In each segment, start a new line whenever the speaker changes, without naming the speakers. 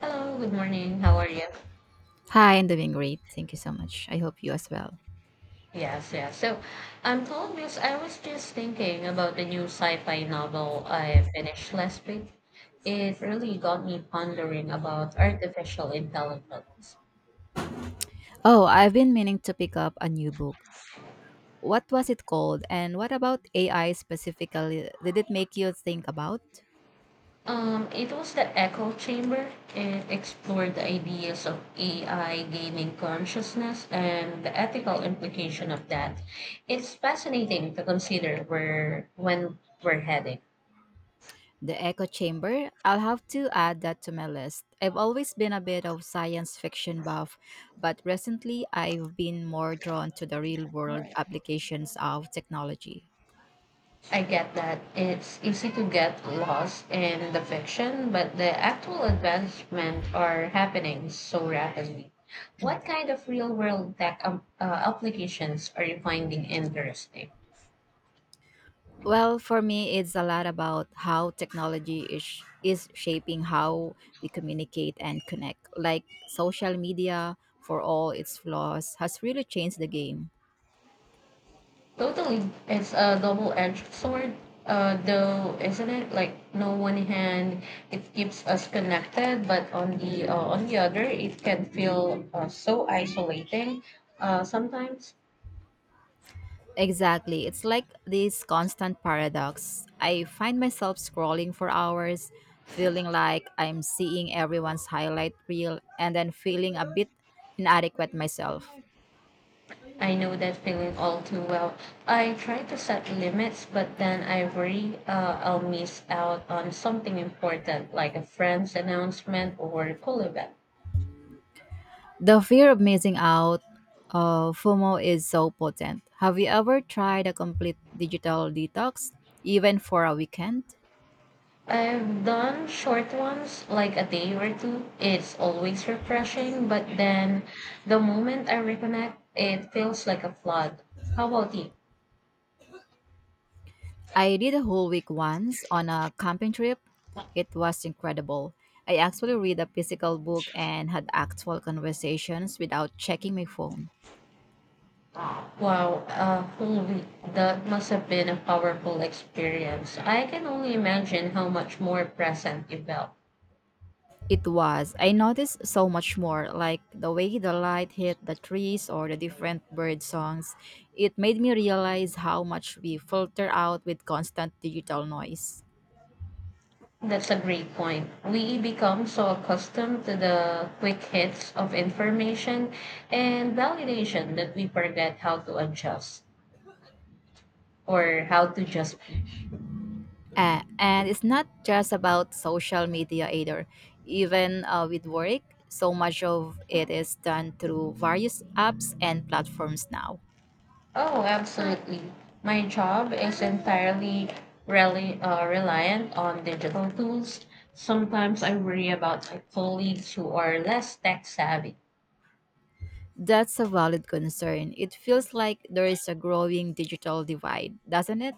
Hello, good morning. How are you?
Hi, I'm doing great. Thank you so much. I hope you as well.
Yes, yes. So, I'm told, Miss, I was just thinking about the new sci-fi novel I finished last week. It really got me pondering about artificial intelligence.
Oh, I've been meaning to pick up a new book. What was it called? And what about AI specifically? Did it make you think about
It was the Echo Chamber. It explored the ideas of AI gaining consciousness and the ethical implication of that. It's fascinating to consider where when we're heading.
the echo chamber? I'll have to add that to my list. I've always been a bit of science fiction buff, but recently I've been more drawn to the real world applications of technology.
I get that it's easy to get lost in the fiction, but the actual advancement are happening so rapidly. What kind of real world tech applications are you finding interesting?
Well, for me, it's a lot about how technology is shaping how we communicate and connect. Like social media, for all its flaws, has really changed the game.
Totally, it's a double edged sword, though, isn't it? Like, no one hand, it keeps us connected, but on the other, it can feel so isolating sometimes.
Exactly. It's like this constant paradox. I find myself scrolling for hours, feeling like I'm seeing everyone's highlight reel, and then feeling a bit inadequate myself.
I know that feeling all too well. I try to set limits, but then I worry I'll miss out on something important like a friend's announcement or cool event.
The fear of missing out, FOMO, is so potent. Have you ever tried a complete digital detox, even for a weekend?
I've done short ones, like a day or two. It's always refreshing, but then the moment I reconnect, it feels like a flood. How about you?
I did a whole week once on a camping trip. It was incredible. I actually read a physical book and had actual conversations without checking my phone.
Wow, a whole week. That must have been a powerful experience. I can only imagine how much more present you felt.
It was. I noticed so much more, like the way the light hit the trees or the different bird songs. It made me realize how much we filter out with constant digital noise.
That's a great point. We become so accustomed to the quick hits of information and validation that we forget how to adjust or how to just be.
And it's not just about social media either. Even with work, so much of it is done through various apps and platforms now.
Oh, absolutely. My job is entirely reliant on digital tools. Sometimes I worry about my colleagues who are less tech savvy.
That's a valid concern. It feels like there is a growing digital divide, doesn't it?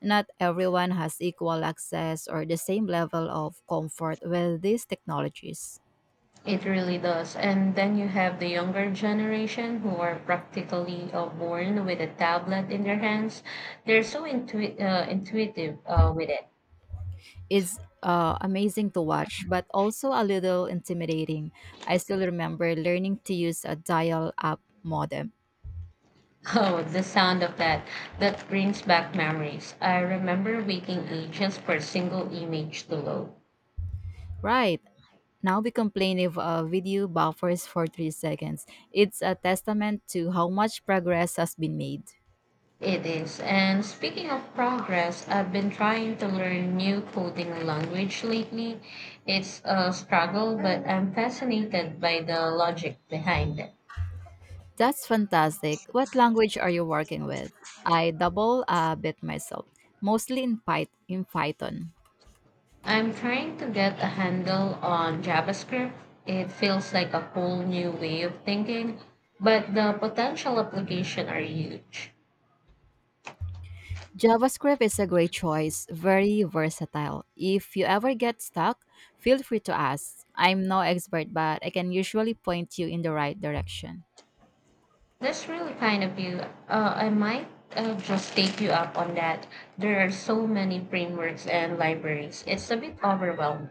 Not everyone has equal access or the same level of comfort with these technologies.
It really does. And then you have the younger generation who are practically born with a tablet in their hands. They're so intuitive with it.
It's amazing to watch, but also a little intimidating. I still remember learning to use a dial up modem.
Oh, the sound of that. That brings back memories. I remember waiting ages for a single image to load.
Right. Now we complain if a video buffers for 3 seconds. It's a testament to how much progress has been made.
It is. And speaking of progress, I've been trying to learn new coding language lately. It's a struggle, but I'm fascinated by the logic behind it.
That's fantastic. What language are you working with? I double a bit myself, mostly in Python.
I'm trying to get a handle on JavaScript. It feels like a whole new way of thinking, but the potential application are huge.
JavaScript is a great choice, very versatile. If you ever get stuck, feel free to ask. I'm no expert, but I can usually point you in the right direction.
That's really kind of you. I might just take you up on that. There are so many frameworks and libraries. It's a bit overwhelming.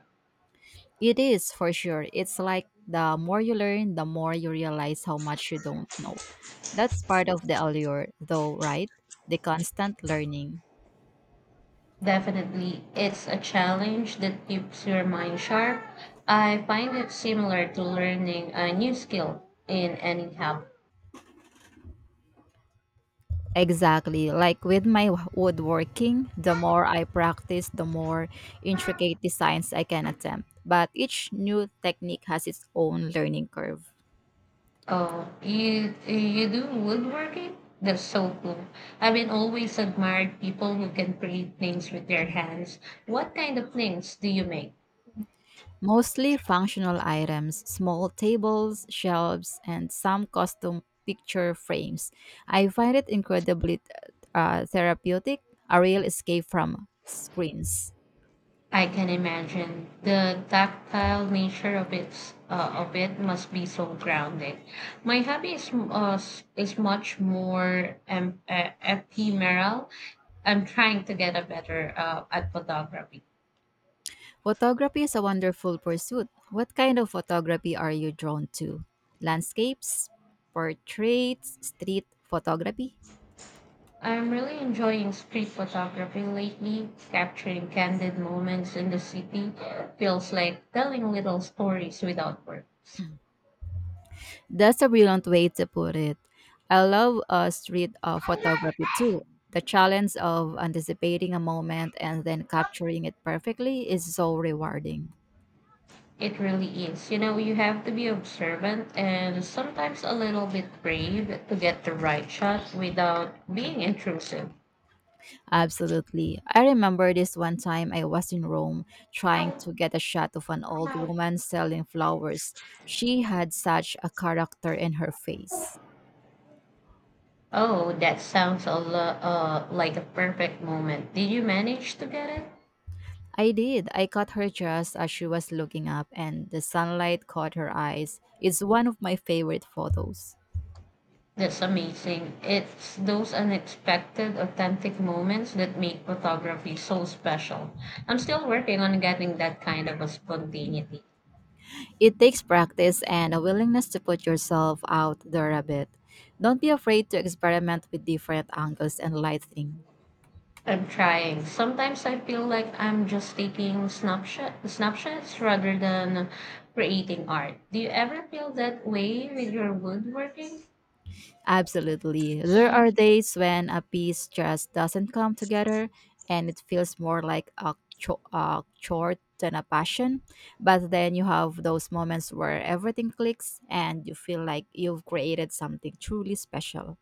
It is for sure. It's like the more you learn, the more you realize how much you don't know. That's part of the allure, though, right? The constant learning.
Definitely, it's a challenge that keeps your mind sharp. I find it similar to learning a new skill in any hobby.
Exactly. Like with my woodworking, the more I practice, the more intricate designs I can attempt. But each new technique has its own learning curve.
Oh, you do woodworking? That's so cool. I've been always admired people who can create things with their hands. What kind of things do you make?
Mostly functional items, small tables, shelves, and some custom picture frames. I find it incredibly therapeutic, a real escape from screens.
I can imagine the tactile nature of its of it must be so grounding. My hobby is is much more ephemeral. I'm trying to get a better at photography.
Photography is a wonderful pursuit. What kind of photography are you drawn to? Landscapes, portraits, street photography?
I'm really enjoying street photography lately. Capturing candid moments in the city feels like telling little stories without words.
That's a brilliant way to put it. I love street photography too. The challenge of anticipating a moment and then capturing it perfectly is so rewarding.
It really is. You know, you have to be observant and sometimes a little bit brave to get the right shot without being intrusive.
Absolutely. I remember this one time I was in Rome trying to get a shot of an old woman selling flowers. She had such a character in her face.
Oh, that sounds like a perfect moment. Did you manage to get it?
I did. I caught her just as she was looking up, and the sunlight caught her eyes. It's one of my favorite photos.
That's amazing. It's those unexpected, authentic moments that make photography so special. I'm still working on getting that kind of a spontaneity.
It takes practice and a willingness to put yourself out there a bit. Don't be afraid to experiment with different angles and lighting.
I'm trying. Sometimes I feel like I'm just taking snapshots rather than creating art. Do you ever feel that way with your woodworking?
Absolutely. There are days when a piece just doesn't come together and it feels more like a chore than a passion. But then you have those moments where everything clicks and you feel like you've created something truly special.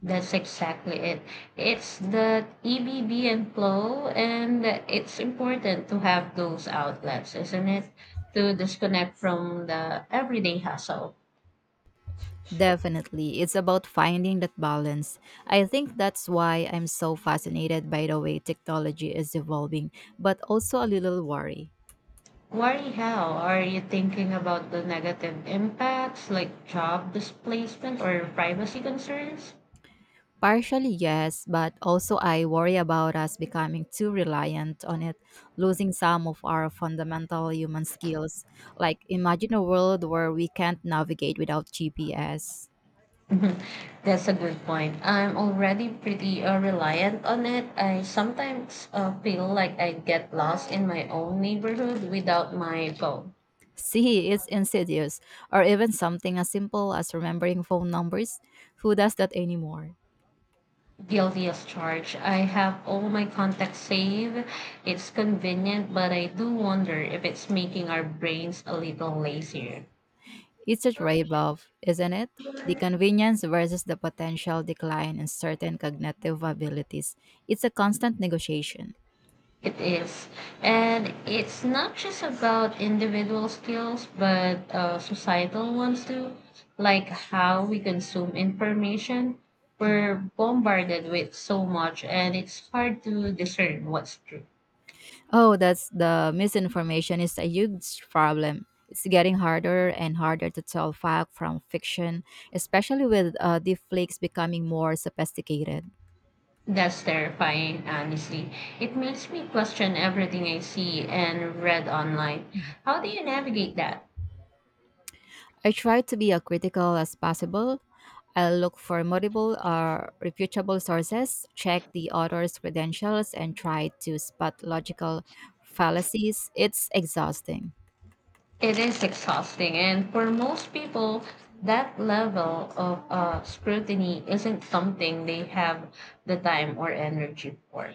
That's exactly it. It's the ebb and flow, and it's important to have those outlets, isn't it? To disconnect from the everyday hustle.
Definitely. It's about finding that balance. I think that's why I'm so fascinated by the way technology is evolving, but also a little worry.
Worry how? Are you thinking about the negative impacts like job displacement or privacy concerns?
Partially, yes, but also I worry about us becoming too reliant on it, losing some of our fundamental human skills. Like, imagine a world where we can't navigate without GPS.
Mhm. That's a good point. I'm already pretty reliant on it. I sometimes feel like I get lost in my own neighborhood without my phone.
See, it's insidious, or even something as simple as remembering phone numbers. Who does that anymore?
Guilty as charged. I have all my contacts saved. It's convenient, but I do wonder if it's making our brains a little lazier.
It's a trade off, isn't it? The convenience versus the potential decline in certain cognitive abilities. It's a constant negotiation.
It is. And it's not just about individual skills, but societal ones too, like how we consume information. We're bombarded with so much, and it's hard to discern what's true.
Oh, that's the misinformation is a huge problem. It's getting harder and harder to tell fact from fiction, especially with deepfakes becoming more sophisticated.
That's terrifying, honestly. It makes me question everything I see and read online. How do you navigate that?
I try to be as critical as possible. I look for multiple or reputable sources, check the author's credentials, and try to spot logical fallacies. It's exhausting,
It is exhausting, and for most people, that level of scrutiny isn't something they have the time or energy for.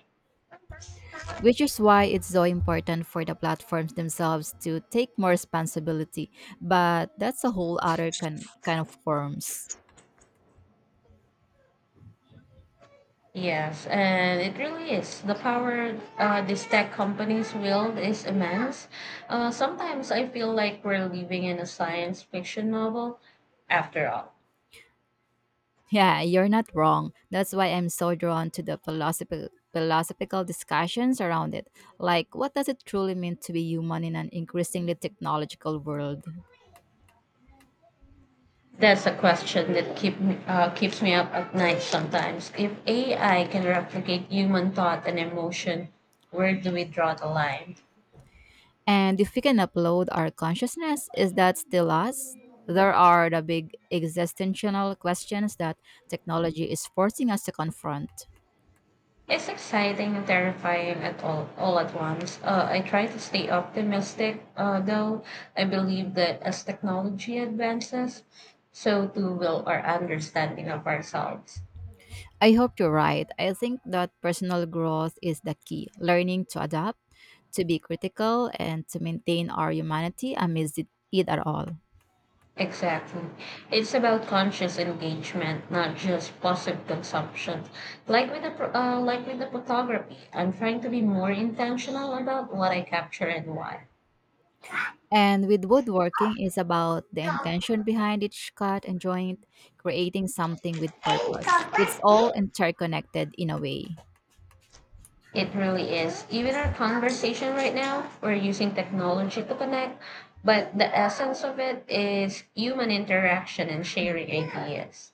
which is why it's so important for the platforms themselves to take more responsibility. But that's a whole other kind of forms.
Yes, and it really is. The power these tech companies wield is immense. Sometimes I feel like we're living in a science fiction novel after all.
Yeah, you're not wrong. That's why I'm so drawn to the philosophical discussions around it. Like what does it truly mean to be human in an increasingly technological world?
That's a question that keeps me up at night sometimes. If AI can replicate human thought and emotion, where do we draw the line?
And if we can upload our consciousness, is that still us? There are the big existential questions that technology is forcing us to confront.
It's exciting and terrifying all at once. I try to stay optimistic, though I believe that as technology advances, so too will our understanding of ourselves.
I hope you're right. I think that personal growth is the key. Learning to adapt, to be critical, and to maintain our humanity amidst it at all.
Exactly. It's about conscious engagement, not just passive consumption. Like like with the photography, I'm trying to be more intentional about what I capture and why.
And with woodworking is about the intention behind each cut and joint, creating something with purpose. It's all interconnected in a way.
It really is. Even our conversation right now, we're using technology to connect, but the essence of it is human interaction and
Mm.
sharing ideas.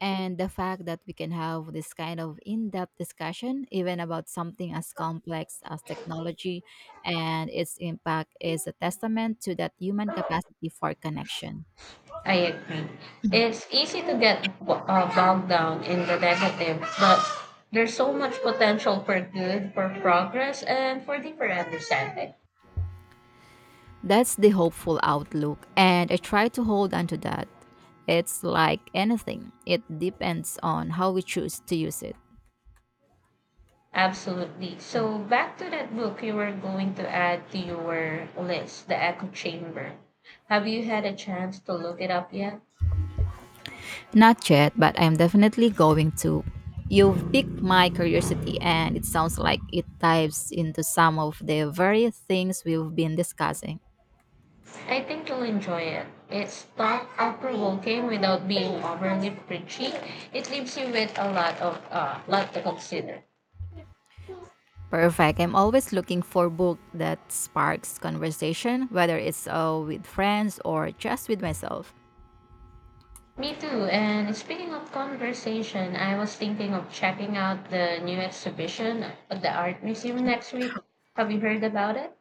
And the fact that we can have this kind of in depth discussion, even about something as complex as technology and its impact, is a testament to that human capacity for connection.
I agree. It's easy to bogged down in the negative, but there's so much potential for good, for progress, and for deeper understanding.
That's the hopeful outlook, and I try to hold on to that. It's like anything, it depends on how we choose to use it.
Absolutely. So, back to that book you were going to add to your list, The Echo Chamber. Have you had a chance to look it up yet?
Not yet, but I'm definitely going to. You've piqued my curiosity, and it sounds like it dives into some of the very things we've been discussing.
I think you'll enjoy it. It's thought provoking without being overly preachy. It leaves you with a lot to consider.
Perfect. I'm always looking for book that sparks conversation, whether it's with friends or just with myself.
Me too. And speaking of conversation, I was thinking of checking out the new exhibition at the art museum next week. Have you heard about it?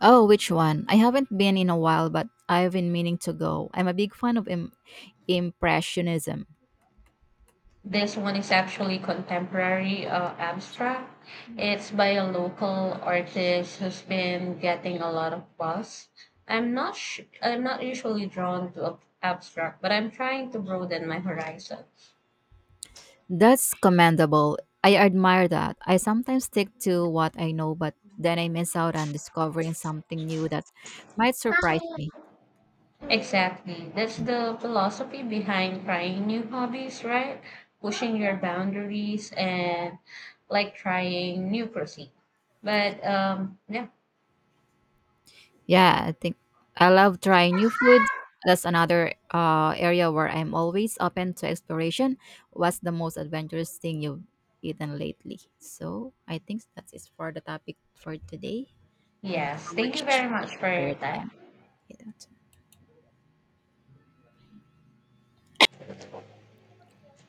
Oh, which one? I haven't been in a while, but I've been meaning to go. I'm a big fan of Impressionism.
This one is actually contemporary abstract. It's by a local artist who's been getting a lot of buzz. I'm not sh- I'm not usually drawn to abstract, but I'm trying to broaden my horizons.
That's commendable. I admire that. I sometimes stick to what I know, but then I miss out on discovering something new that might surprise me.
Exactly. That's the philosophy behind trying new hobbies, right? Pushing your boundaries and like trying new cuisine. But yeah.
Yeah, I think I love trying new foods. That's another area where I'm always open to exploration. What's the most adventurous thing you've eaten lately? So I think that is for the topic for today. Thank you
Yes.
so
Thank
much
you very much for
for
your
your
time.
time.